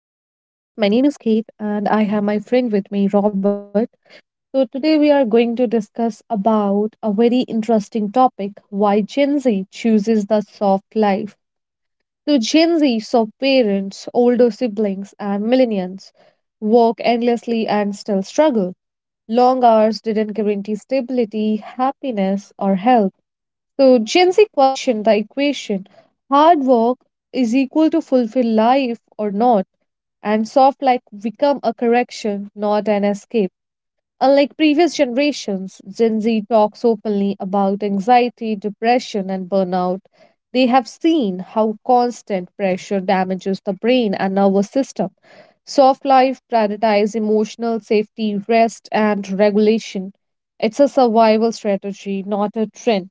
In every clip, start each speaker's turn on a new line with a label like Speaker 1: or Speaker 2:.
Speaker 1: podcast. My name is Kate, and I have my friend with me, Robert. So, today we are going to discuss about a very interesting topic, why Gen Z chooses the soft life. So, Gen Z saw parents, older siblings, and millennials work endlessly and still struggle. Long hours didn't guarantee stability, happiness, or health. So Gen Z question the equation, hard work is equal to fulfill life or not, and soft like become a correction, not an escape. Unlike previous generations, Gen Z talks openly about anxiety, depression, and burnout. They have seen how constant pressure damages the brain and nervous system. Soft life prioritizes emotional safety, rest, and regulation. It's a survival strategy, not a trend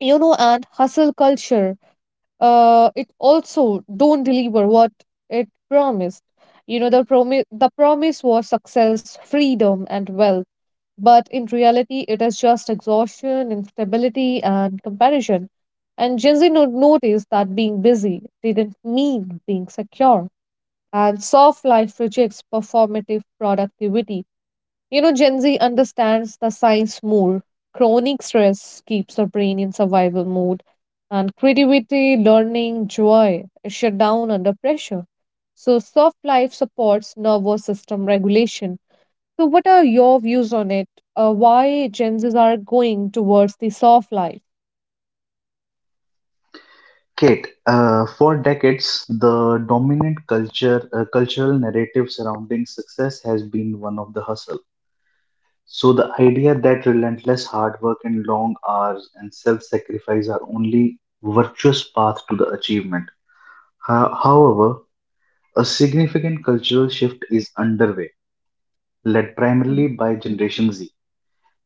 Speaker 1: you know And hustle culture, it also don't deliver what it promised. The promise was success, freedom, and wealth, but in reality it is just exhaustion, instability, and comparison. And Gen Z noticed that being busy didn't mean being secure, and soft life rejects performative productivity. Gen Z understands the science more. Chronic stress keeps the brain in survival mode, and creativity, learning, joy shut down under pressure. So, soft life supports nervous system regulation. So, what are your views on it? Why Gen Zs are going towards the soft life?
Speaker 2: Kate, for decades, the cultural narrative surrounding success has been one of the hustle. So the idea that relentless hard work and long hours and self-sacrifice are only virtuous path to the achievement. However, a significant cultural shift is underway, led
Speaker 1: Mhm.
Speaker 2: primarily by Generation Z.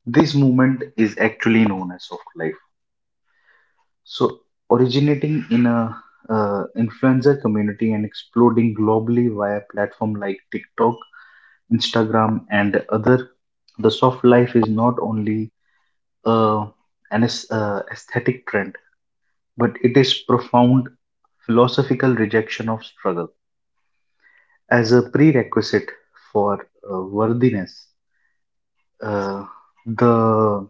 Speaker 2: This movement is actually known as soft life. So, originating in a influencer community and exploding globally via platform like TikTok, Instagram, and other, the soft life is not only uh, an aesthetic trend, but it is profound philosophical rejection of struggle as a prerequisite for worthiness. Uh, the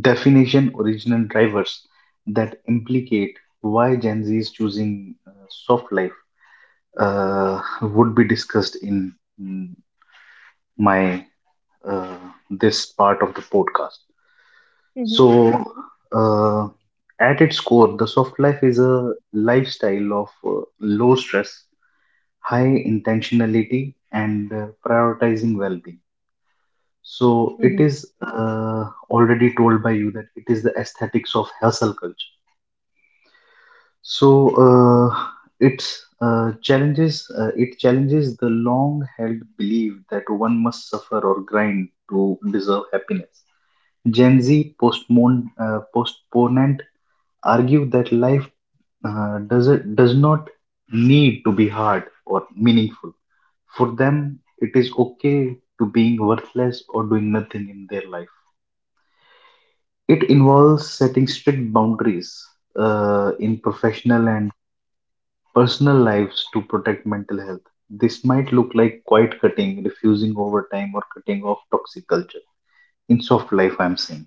Speaker 2: definition original drivers that implicate why Gen Z is choosing soft life would be discussed in mm, my uh, this part of the podcast.
Speaker 1: Mhm.
Speaker 2: So, uh, at its core, the soft life is a lifestyle of low stress, high intentionality, and prioritizing well being. So, it
Speaker 1: Mhm.
Speaker 2: is already told by you that it is the aesthetics of hustle culture. So it challenges the long-held belief that one must suffer or grind to deserve happiness. Gen Z postponent argue that life uh, does does not need to be hard or meaningful. For them, it is okay to being worthless or doing nothing in their life. It involves setting strict boundaries in professional and personal lives to protect mental health. This might look like quiet cutting, refusing overtime, or cutting off toxic culture. In soft life, I'm saying.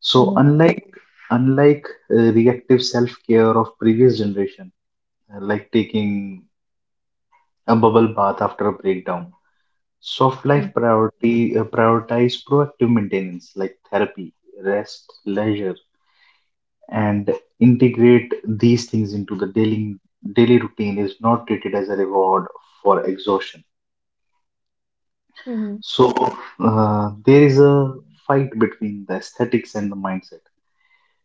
Speaker 2: So
Speaker 1: Mhm.
Speaker 2: unlike unlike uh, reactive self care of previous generation, like taking a bubble bath after a breakdown, soft life priority prioritize proactive maintenance like therapy, rest, leisure, and integrate these things into the daily routine is not treated as a reward for exhaustion.
Speaker 1: Mhm.
Speaker 2: So there is a fight between the aesthetics and the mindset.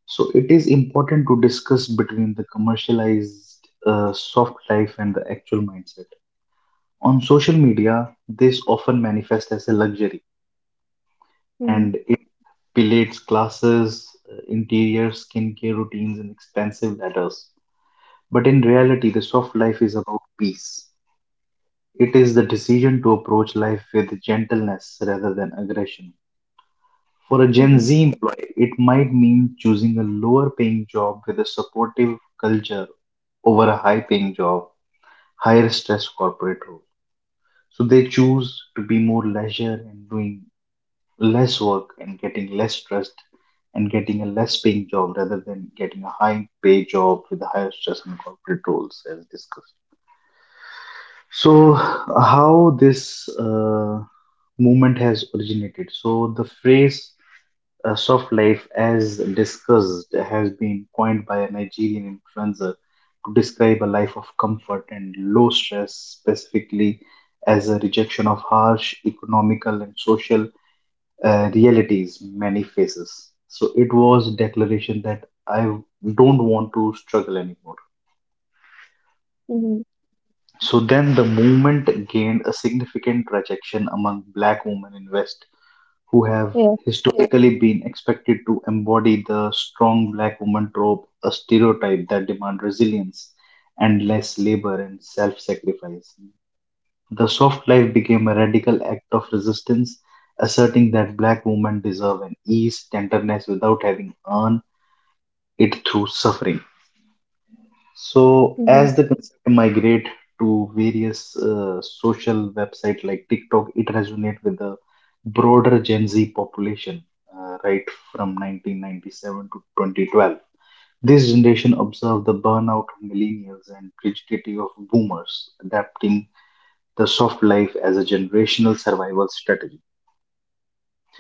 Speaker 2: So it is important to discuss between the commercialized soft life and the actual mindset. On social media, this often manifests as a luxury,
Speaker 1: Mhm.
Speaker 2: and it belates classes, interior skincare routines, and expensive ladders. But in reality, the soft life is about peace. It is the decision to approach life with gentleness rather than aggression. For a
Speaker 1: Mhm.
Speaker 2: Gen
Speaker 1: Mhm.
Speaker 2: Z employee, it might mean choosing a lower paying job with a supportive culture over a high paying job, higher stress corporate role. So they choose to be more leisure and doing less work and getting less stressed and getting a less paying job rather than getting a high pay job with higher stress and corporate roles as discussed. So how this movement has originated. So the phrase soft life, as discussed, has been coined by a Nigerian influencer to describe a life of comfort and low stress, specifically as a rejection of harsh economical and social realities many faces. So it was declaration that I don't want to struggle anymore.
Speaker 1: Mhm.
Speaker 2: So then the movement gained a significant traction among black women in West who have
Speaker 1: Yeah.
Speaker 2: historically been expected to embody the strong black woman trope, a stereotype that demands resilience, endless labor, and self sacrifice. The soft life became a radical act of resistance, asserting that black women deserve an ease, tenderness without having earned it through suffering. So
Speaker 1: Mhm.
Speaker 2: as the concept migrate to various social website like TikTok, it resonates with the broader Gen Z population, right from 1997 to 2012. This generation observed the burnout of millennials and rigidity of boomers, adapting the soft life as a generational survival strategy.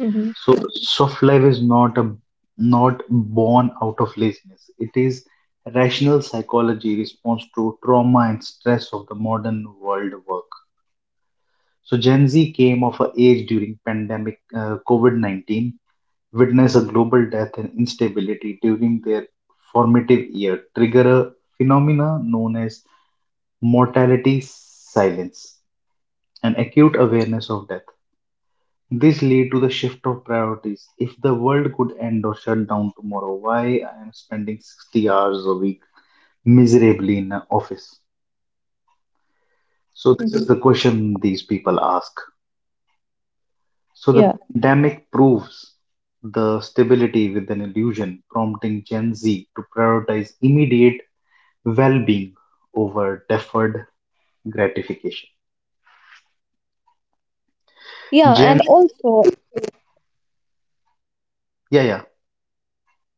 Speaker 1: Mhm.
Speaker 2: So soft life is not born out of laziness. It is rational psychology response to trauma and stress of the modern world work. So Gen Z came of a age during pandemic COVID-19, witness a global death and instability during their formative year, trigger a phenomena known as mortality silence, an acute awareness of death. This lead to the shift of priorities. If the world could end or shut down tomorrow, why I am spending 60 hours a week miserably in an office?
Speaker 1: Mhm.
Speaker 2: So this is the question these people ask.
Speaker 1: Yeah.
Speaker 2: So the pandemic proves the stability with an illusion, prompting Gen Z to prioritize immediate well-being over deferred gratification.
Speaker 1: Yeah,
Speaker 2: Gen,
Speaker 1: and also.
Speaker 2: yeah, yeah.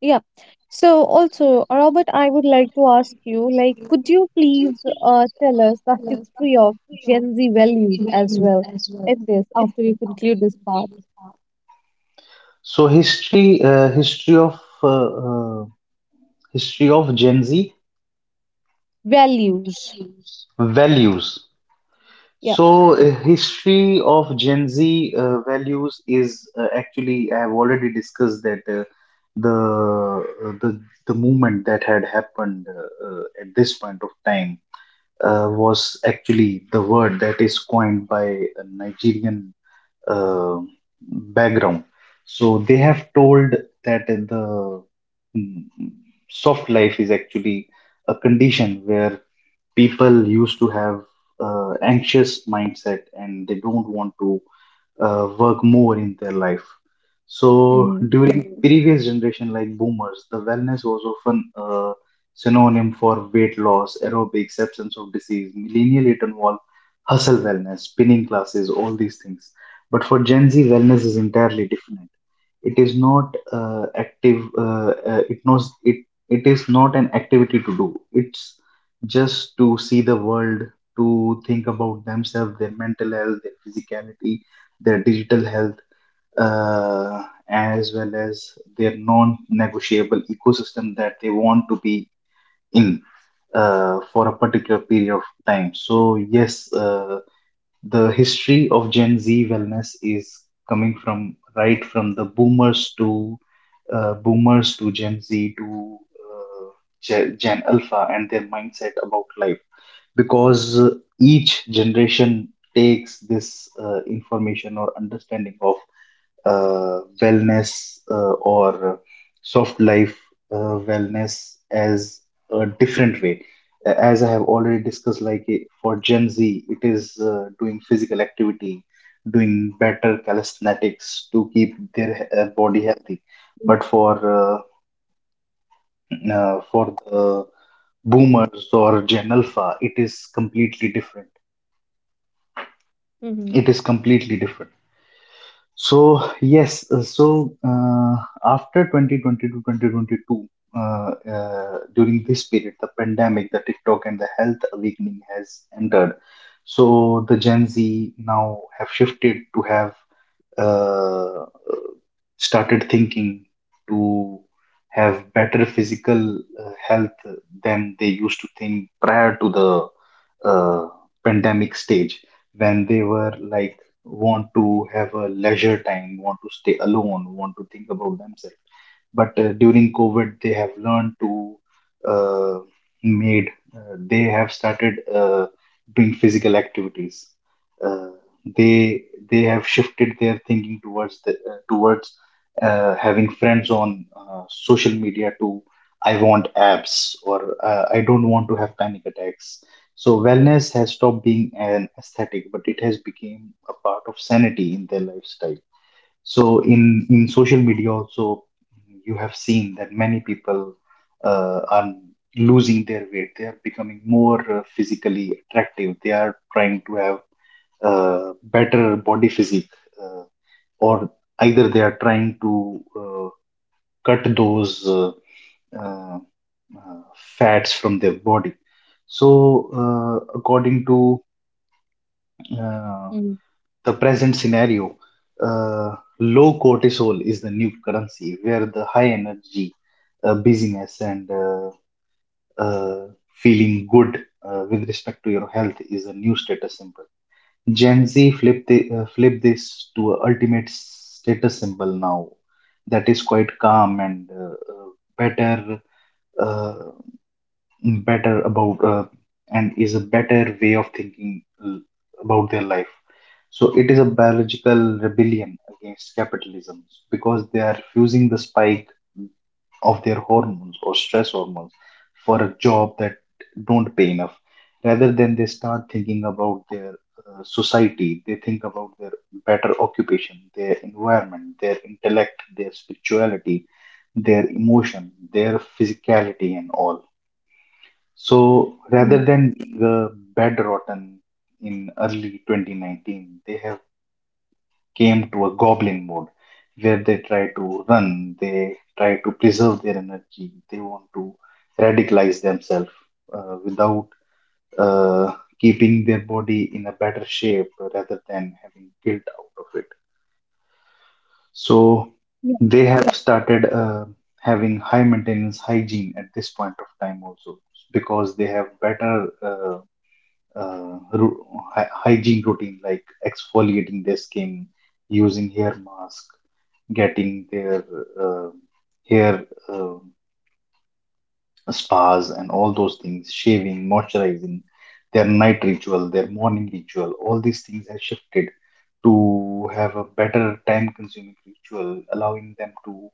Speaker 1: Yeah. So also, Robert, I would like to ask you, like, could you please tell us the history of Gen Z values as well in this after you conclude this part?
Speaker 2: So history of Gen Z
Speaker 1: Values.
Speaker 2: values.
Speaker 1: Yeah.
Speaker 2: So, history of Gen Z values is actually I have already discussed that the uh, the the movement that had happened at this point of time was actually the word that is coined by a Nigerian uh, background. So they have told that the mm, soft life is actually a condition where people used to have anxious mindset and they don't want to work more in their life. So
Speaker 1: Mm-hmm.
Speaker 2: during previous generation like boomers, the wellness was often a synonym for weight loss, aerobics, absence of disease. Millennial it involved hustle wellness, spinning classes, all these things. But for Gen Z, wellness is entirely different. It is not active. It knows it. It is not an activity to do. It's just to see the world, to think about themselves, their mental health, their physicality, their digital health, uh, as well as their non negotiable ecosystem that they want to be in for a particular period of time. So, yes, the history of Gen Z wellness is coming from right from the boomers to boomers to Gen Z to Gen Alpha and their mindset about life because each generation takes this information or understanding of wellness or soft life wellness as a different way. As I have already discussed, like for Gen Z, it is doing physical activity, doing better calisthenics to keep their
Speaker 1: Mm-hmm.
Speaker 2: body healthy. But uh, for the boomers or Gen Alpha, it is completely different.
Speaker 1: Hmm. Mm.
Speaker 2: It is completely different. So yes, after 2020 to 2022 during this period the pandemic, the TikTok, and the health awakening has entered. So the Gen Z now have shifted to have uh, started thinking to have better physical health than they used to think prior to the uh, pandemic stage, when they were like want to have a leisure time, want to stay alone, want to think about themselves. But during COVID they have learned to uh, made they have started doing physical activities. Uh, they they have shifted their thinking towards the, towards having friends on social media to I want abs or I don't want to have panic attacks. So wellness has stopped being an aesthetic, but it has become a part of sanity in their lifestyle. So in social media also, you have seen that many people are losing their weight. They are becoming more physically attractive. They are trying to have better body physique, uh, or either they are trying to cut those uh, uh, fats from their body. So, according to uh,
Speaker 1: Hmm. Mm.
Speaker 2: the present scenario, low cortisol is the new currency, where the high energy, busyness, and uh, feeling good with respect to your health is a new status symbol. Gen Z flip this to a ultimate status symbol now that is quite calm and better uh, better about and is a better way of about their life. So it is a biological rebellion against capitalism because they are refusing the spike of their hormones or stress hormones for a job that don't pay enough, rather than they start thinking about their society, they think about their better occupation, their environment, their intellect, their spirituality, their emotion, their physicality, and all. So rather
Speaker 1: Hmm.
Speaker 2: than the bed rotten in early 2019, they have came to a goblin mode where they try to run, they try to preserve their energy, they want to radicalize themselves without uh, keeping their body in a better shape rather than having guilt out of it. So
Speaker 1: Yeah.
Speaker 2: they have started having high maintenance hygiene at this point of time also because they have better uh, ru- hygiene routine like exfoliating their skin, using hair mask, getting their uh, hair uh, spas and all those things, shaving, moisturizing, their night ritual, their morning ritual, all these things have shifted to have a better time consuming ritual, allowing them to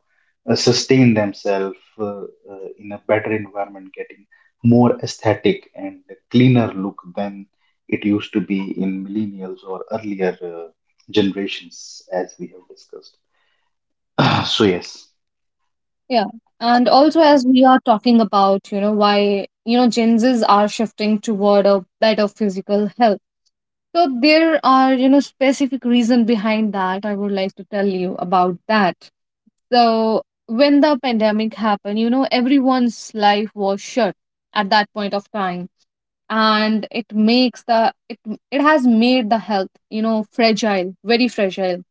Speaker 2: sustain themselves in a better environment, getting more aesthetic and cleaner look than it used to be in millennials or earlier generations, as we have discussed. So, yes.
Speaker 1: Yeah. And also, as we are talking about, you know, why, you know, Gen Zs are shifting toward a better physical health. So there are, you know, specific reason behind that. I would like to tell you about that. So when the pandemic happened, you know, everyone's life was shut at that point of time. And it makes the it it has made the health, you know, fragile, very fragile.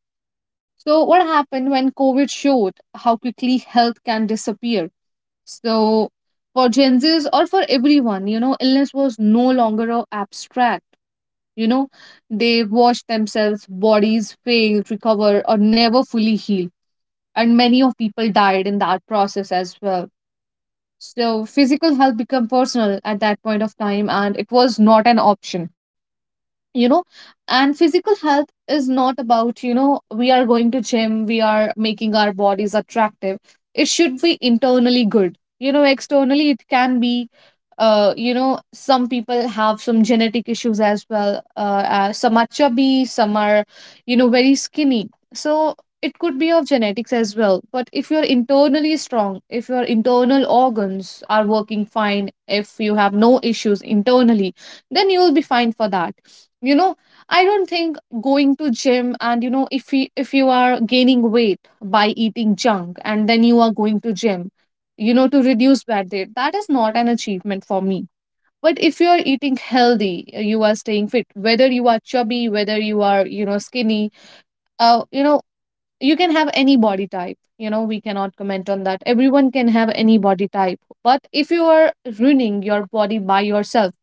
Speaker 1: So what happened when COVID showed how quickly health can disappear? So for Gen Zs or for everyone, you know, illness was no longer a abstract. You know, they watched themselves, bodies fail, recover, or never fully heal, and many of people died in that process as well. So physical health became personal at that point of time, and it was not an option, you know. And physical health is not about, you know, we are going to gym, we are making our bodies attractive. It should be internally good. You know, externally it can be, you know, some people have some genetic issues as well. Some are chubby, some are, you know, very skinny. So it could be of genetics as well. But if you're internally strong, if your internal organs are working fine, if you have no issues internally, then you will be fine for that. You know, I don't think going to gym and, you know, if you are gaining weight by eating junk and then you are going to gym, you know, to reduce bad day. That is not an achievement for me. But if you are eating healthy, you are staying fit, whether you are chubby, whether you are, you know, skinny, you know, you can have any body type. You know, we cannot comment on that. Everyone can have any body type. But if you are ruining your body by yourself,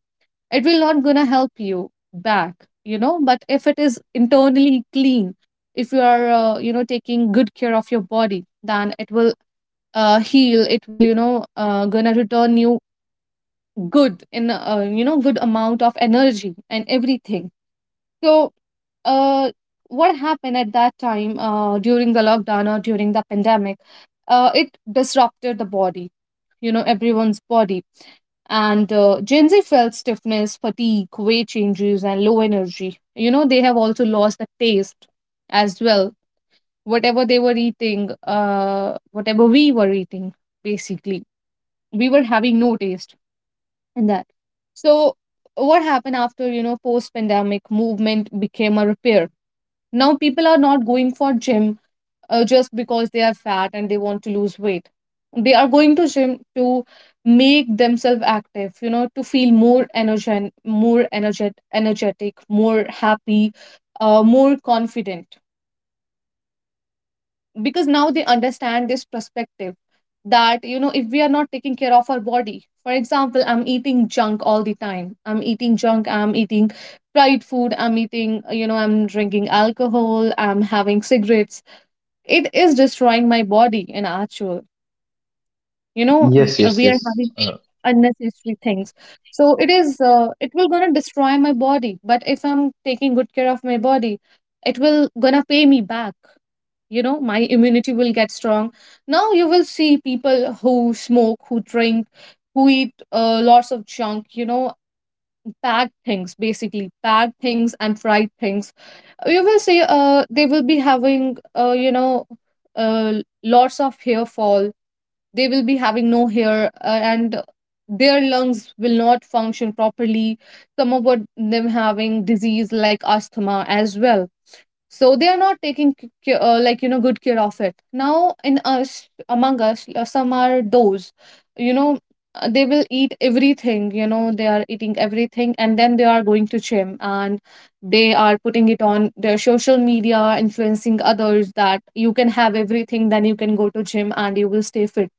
Speaker 1: it will not gonna help you back, you know. But if it is internally clean, if you are, you know, taking good care of your body, then it will heal, it will, you know, gonna return you good in, you know, good amount of energy and everything. So uh, what happened at that time, during the lockdown or during the pandemic, it disrupted the body, you know, everyone's body. And Gen Z felt stiffness, fatigue, weight changes, and low energy. You know, they have also lost the taste as well. Whatever they were eating, whatever we were eating, basically, we were having no taste in that. So what happened after, you know, post pandemic movement became a repair. Now people are not going for gym just because they are fat and they want to lose weight. They are going to gym to make themselves active, you know, to feel more energen- more energet- energetic, more happy, more confident, because now they understand this perspective that, you know, if we are not taking care of our body, for example, I'm eating junk all the time, I'm eating junk, I'm eating fried food, I'm eating, you know, I'm drinking alcohol, I'm having cigarettes, it is destroying my body in actual. You know,
Speaker 2: Yes, yes,
Speaker 1: we are
Speaker 2: yes.
Speaker 1: having
Speaker 2: Uh,
Speaker 1: unnecessary things. So it is, it will gonna destroy my body. But if I'm taking good care of my body, it will gonna pay me back, you know. My immunity will get strong. Now you will see people who smoke, who drink, who eat lots of junk, you know, bad things, basically bad things and fried things. You will see, they will be having, you know, uh, lots of hair fall. They will be having no hair, and their lungs will not function properly. Some of what them having disease like asthma as well. So they are not taking like, you know, good care of it. Now in us, among us, some are those, you know, they will eat everything. You know, they are eating everything and then they are going to gym, and they are putting it on their social media influencing others that you can have everything, then you can go to gym and you will stay fit.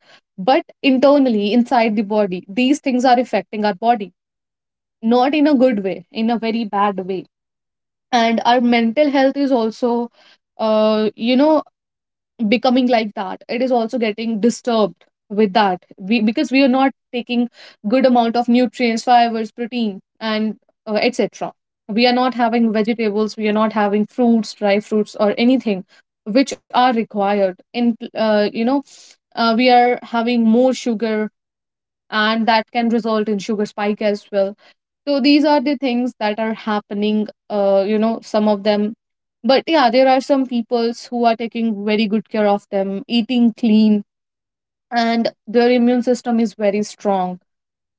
Speaker 1: But internally inside the body, these things are affecting our body, not in a good way, in a very bad way. And our mental health is also, you know, becoming like that. It is also getting disturbed with that, we, because we are not taking good amount of nutrients, fibers, protein, and etc. We are not having vegetables, we are not having fruits, dry fruits, or anything which are required in, you know, we are having more sugar, and that can result in sugar spike as well. So these are the things that are happening, you know, some of them. But yeah, there are some peoples who are taking very good care of them, eating clean, and their immune system is very strong.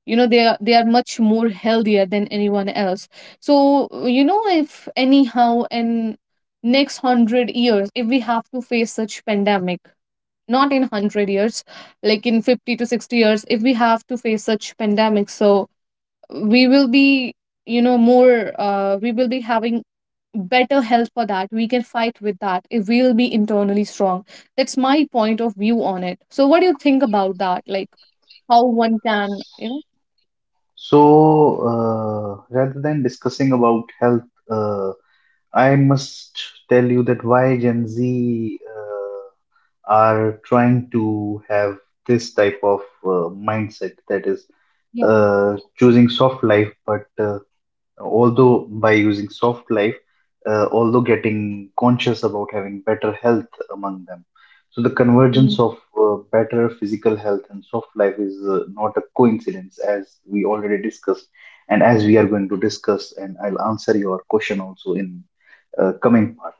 Speaker 1: You know, they are much more healthier than anyone else. So, you know, if anyhow in next 100 years if we have to face such pandemic, not in 100 years, like in 50 to 60 years, if we have to face such pandemic, so we will be, you know, more, we will be having better health for that, we can fight with that if we'll be internally strong. That's my point of view on it. So what do you think about that, like, how one can, you know.
Speaker 2: so, uh, rather than discussing about health, uh, I must tell you that why Gen Z are trying to have this type of mindset that is
Speaker 1: Yeah.
Speaker 2: choosing soft life, but although by using soft life, although getting conscious about having better health among them. So the
Speaker 1: Mm-hmm.
Speaker 2: convergence of better physical health and soft life is not a coincidence, as we already discussed, and as we are going to discuss, and I'll answer your question also in coming part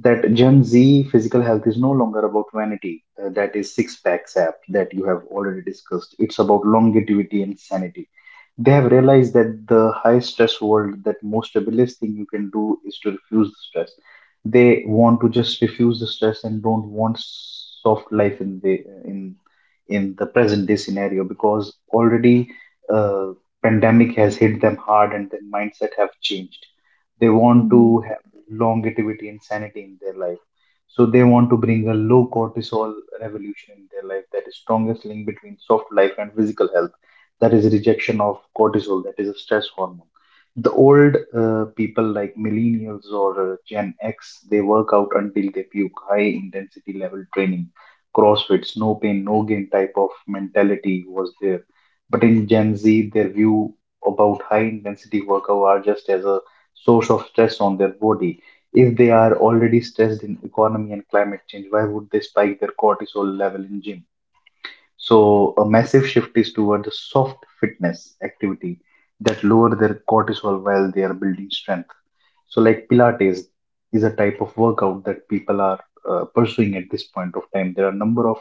Speaker 2: that Gen Z physical health is no longer about vanity, that is six packs app that you have already discussed. It's about longevity and sanity. They have realized that the high stress world, that most rebellious thing you can do is to refuse the stress. They want to just refuse the stress and don't want soft life in the present day scenario because already uh, pandemic has hit them hard and their mindset have changed. They want to
Speaker 1: Mm-hmm.
Speaker 2: longevity and sanity in their life. So they want to bring a low cortisol revolution in their life that is strongest link between soft life and physical health. That is rejection of cortisol, that is a stress hormone. The old people like millennials or Gen X, they work out until they puke. High intensity level training, CrossFits, no pain, no gain type of mentality was there. But in Gen Z, their view about high intensity workout are just as a source of stress on their body. If they are already stressed in economy and climate change, why would they spike their cortisol level in gym? So a massive shift is toward the soft fitness activity that lower their cortisol while they are building strength. So like pilates is a type of workout that people are pursuing at this point of time. There are a number of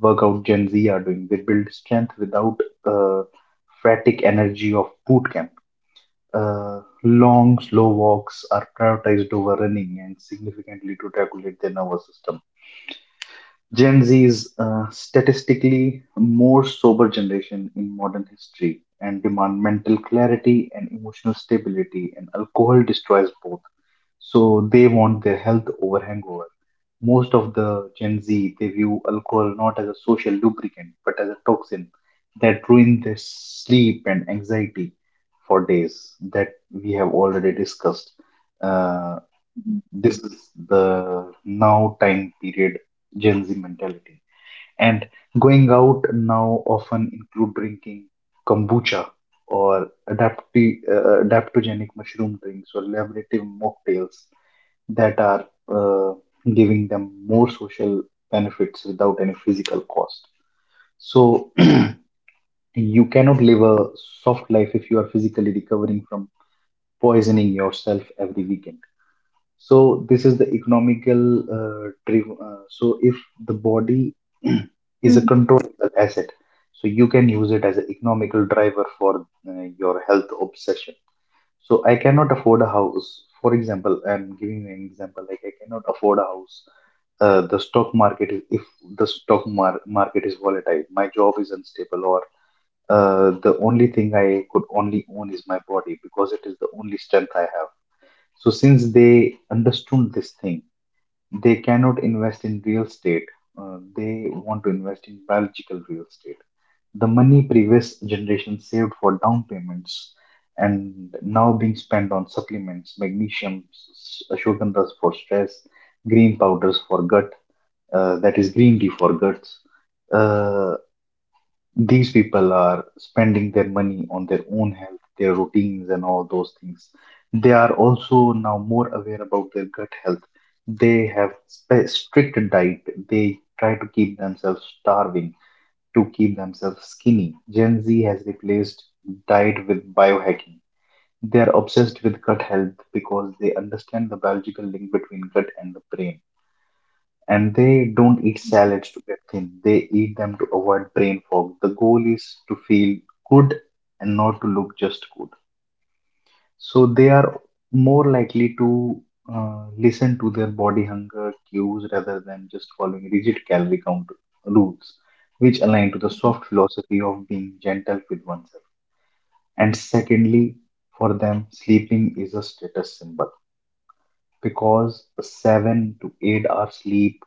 Speaker 2: workout Gen Z are doing. They build strength without uh, fatigue energy of boot camp. Long, slow walks are prioritized over running and significantly to regulate the nervous system. Gen Z is statistically more sober generation in modern history and demand mental clarity and emotional stability, and alcohol destroys both. So they want their health over hangover. Most of the Gen Z, they view alcohol not as a social lubricant but as a toxin that ruins their sleep and anxiety for days that we have already discussed. Uh,
Speaker 1: Mm-hmm.
Speaker 2: this is the now time period Gen Z mentality. And going out now often include drinking kombucha or adapti adaptogenic mushroom drinks or laboratory mocktails that are uh, giving them more social benefits without any physical cost. So you cannot live a soft life if you are physically recovering from poisoning yourself every weekend. So this is the economical so if the body is a controllable asset, so you can use it as an economical driver for your health obsession. So I cannot afford a house, for example. I'm giving you an example, like, I cannot afford a house. The stock market is, if the stock market is volatile, my job is unstable, or the only thing I could only own is my body, because it is the only strength I have. So, since they understood this thing, they cannot invest in real estate. They want to invest in biological real estate. The money previous generation saved for down payments and now being spent on supplements, magnesium, ashwagandhas for stress, green powders for gut, that is green tea for guts. uh, these people are spending their money on their own health, their routines, and all those things. They are also now more aware about their gut health. They have strict diet. They try to keep themselves starving, to keep themselves skinny. Gen Z has replaced diet with biohacking. They are obsessed with gut health because they understand the biological link between gut and the brain, and they don't eat salads to get thin. They eat them to avoid brain fog. The goal is to feel good and not to look just good. So they are more likely to listen to their body hunger cues rather than just following rigid calorie count rules, which align to the soft philosophy of being gentle with oneself. And secondly, for them, sleeping is a status symbol because 7 to 8 hours sleep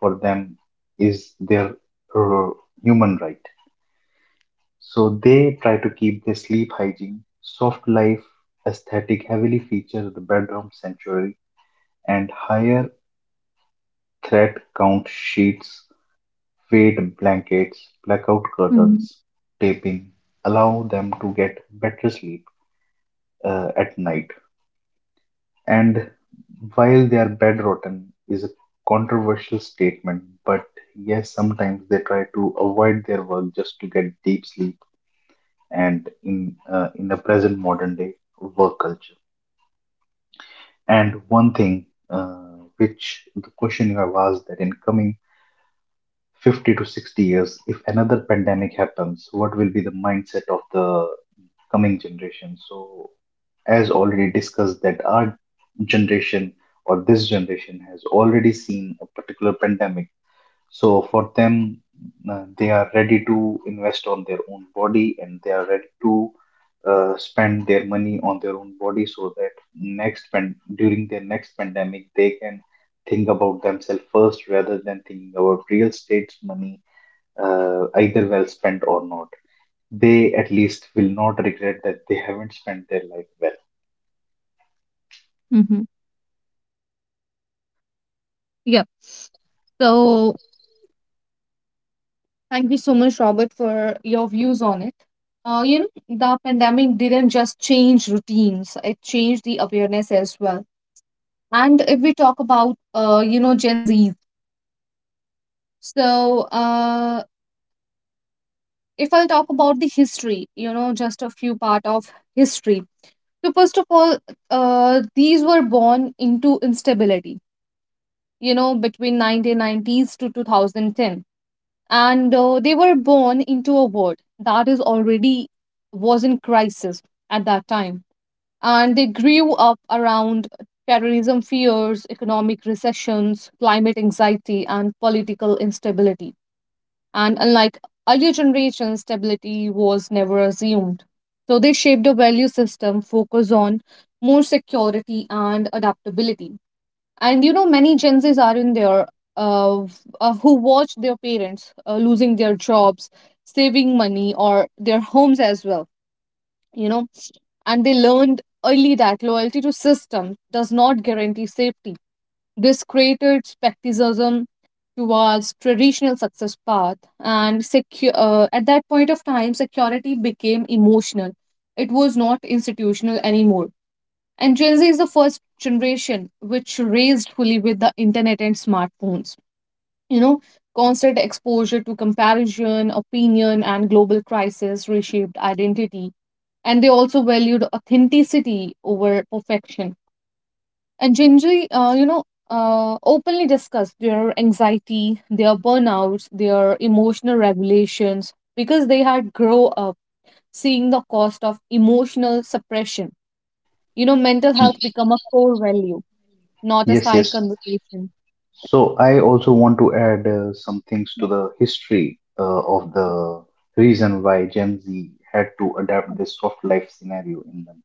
Speaker 2: for them is their uh, human right. So they try to keep their sleep hygiene. Soft life aesthetic heavily features the bedroom sanctuary and higher thread count sheets, fade blankets, blackout
Speaker 1: Mm-hmm.
Speaker 2: curtains, taping allow them to get better sleep at night. And while they are bedrotten is a controversial statement, but yes, sometimes they try to avoid their work just to get deep sleep and in the present modern day work culture. And one thing which the question you have asked that in coming 50 to 60 years, if another pandemic happens, what will be the mindset of the coming generation? So as already discussed, that our generation or this generation has already seen a particular pandemic. So for them, they are ready to invest on their own body, and they are ready to spend their money on their own body, so that during their next pandemic they can think about themselves first rather than thinking about real estate's money, either well spent or not. They at least will not regret that they haven't spent their life well.
Speaker 1: Mm-hmm. Yeah. So thank you so much, Robert, for your views on it. You know, the pandemic didn't just change routines, it changed the awareness as well. And if we talk about, you know, Gen Z, so if I'll talk about the history, you know, just a few part of history. So first of all, these were born into instability, you know, between 1990s to 2010, and they were born into a world that is already was in crisis at that time, and they grew up around terrorism fears, economic recessions, climate anxiety, and political instability. And unlike earlier generations, stability was never assumed. So they shaped a value system focused on more security and adaptability. And you know, many Gen Zs are in there, who watched their parents losing their jobs, saving money, or their homes as well. You know, and they learned early that loyalty to system does not guarantee safety. This created skepticism towards traditional success path, and at that point of time security became emotional, it was not institutional anymore. And Gen Z is the first generation which raised fully with the internet and smartphones. You know, constant exposure to comparison, opinion, and global crisis reshaped identity, and they also valued authenticity over perfection. And uh, you know, openly discussed their anxiety, their burnouts, their emotional regulations, because they had grown up seeing the cost of emotional suppression. You know, mental health become a core value, not a
Speaker 2: Yes,
Speaker 1: side
Speaker 2: yes.
Speaker 1: conversation.
Speaker 2: So I also want to add some things
Speaker 1: Yeah.
Speaker 2: to the history of the reason why Gen Z had to adapt this soft life scenario in them.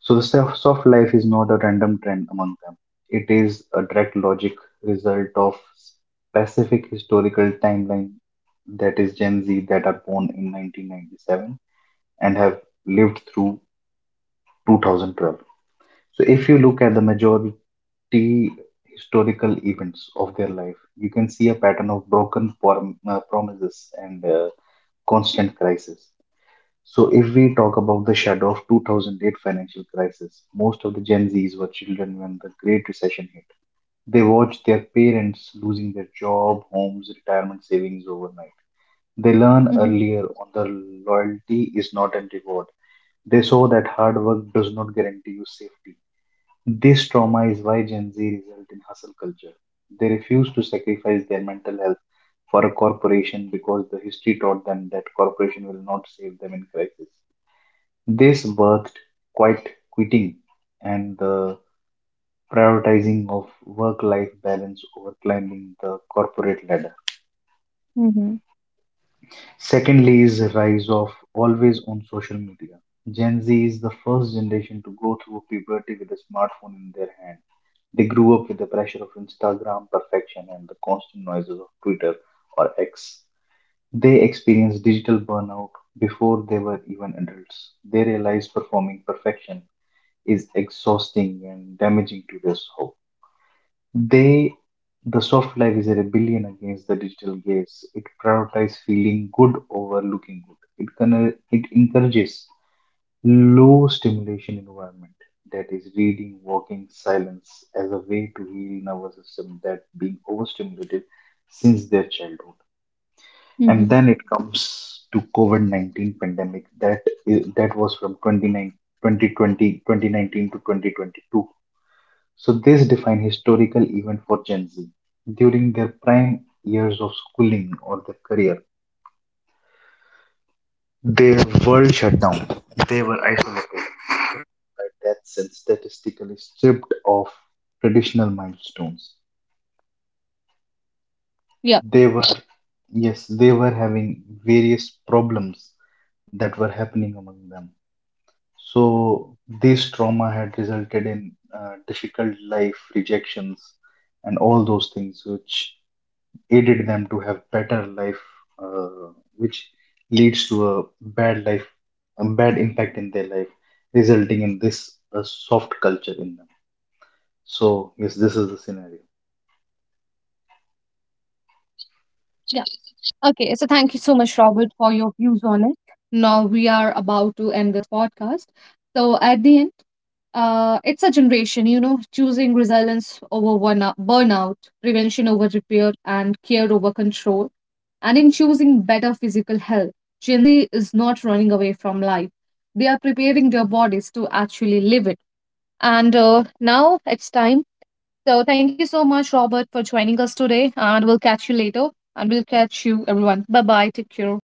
Speaker 2: So the soft life is not a random trend among them. It is a direct logic result of specific historical timeline, that is Gen Z that are born in 1997 and have lived through 2012. So if you look at the historical events of their life, you can see a pattern of broken promises and constant crisis. So, if we talk about the shadow of 2008 financial crisis, most of the Gen Zs were children when the Great Recession hit. They watched their parents losing their job, homes, retirement savings overnight. They learned
Speaker 1: Mm-hmm.
Speaker 2: earlier on the loyalty is not a reward. They saw that hard work does not guarantee you safety. This trauma is why Gen Z result in hustle culture. They refuse to sacrifice their mental health for a corporation because the history taught them that corporation will not save them in crisis. This birthed quite quitting and the prioritizing of work-life balance over climbing the corporate ladder.
Speaker 1: Mm-hmm.
Speaker 2: Secondly, is the rise of always on social media. Gen Z is the first generation to go through puberty with a smartphone in their hand. They grew up with the pressure of Instagram perfection and the constant noises of Twitter or X. They experienced digital burnout before they were even adults. They realized performing perfection is exhausting and damaging to their soul. They, the soft life is a rebellion against the digital gaze. It prioritizes feeling good over looking good. It encourages low stimulation environment, that is reading, walking, silence as a way to heal nervous system that being overstimulated since their childhood. And
Speaker 1: Mm-hmm.
Speaker 2: then it comes to COVID-19 pandemic that was from 2019 to 2022, so these define historical event for Gen Z. During their prime years of schooling or their career, their world shut down. They were isolated by deaths and statistically stripped of traditional milestones.
Speaker 1: Yeah.
Speaker 2: They were, yes, they were having various problems that were happening among them. So this trauma had resulted in difficult life rejections and all those things which aided them to have better life, uh, which leads to a bad life, a bad impact in their life, resulting in this soft culture in them. So yes, this is the scenario.
Speaker 1: Yeah. Okay, so thank you so much, Robert, for your views on it. Now we are about to end this podcast. So at the end, it's a generation, you know, choosing resilience over one burnout, prevention over repair, and care over control. And in choosing better physical health, Gen Z is not running away from life. They are preparing their bodies to actually live it. And now it's time. So thank you so much, Robert, for joining us today. And we'll catch you later. And we'll catch you, everyone. Bye bye. Take care.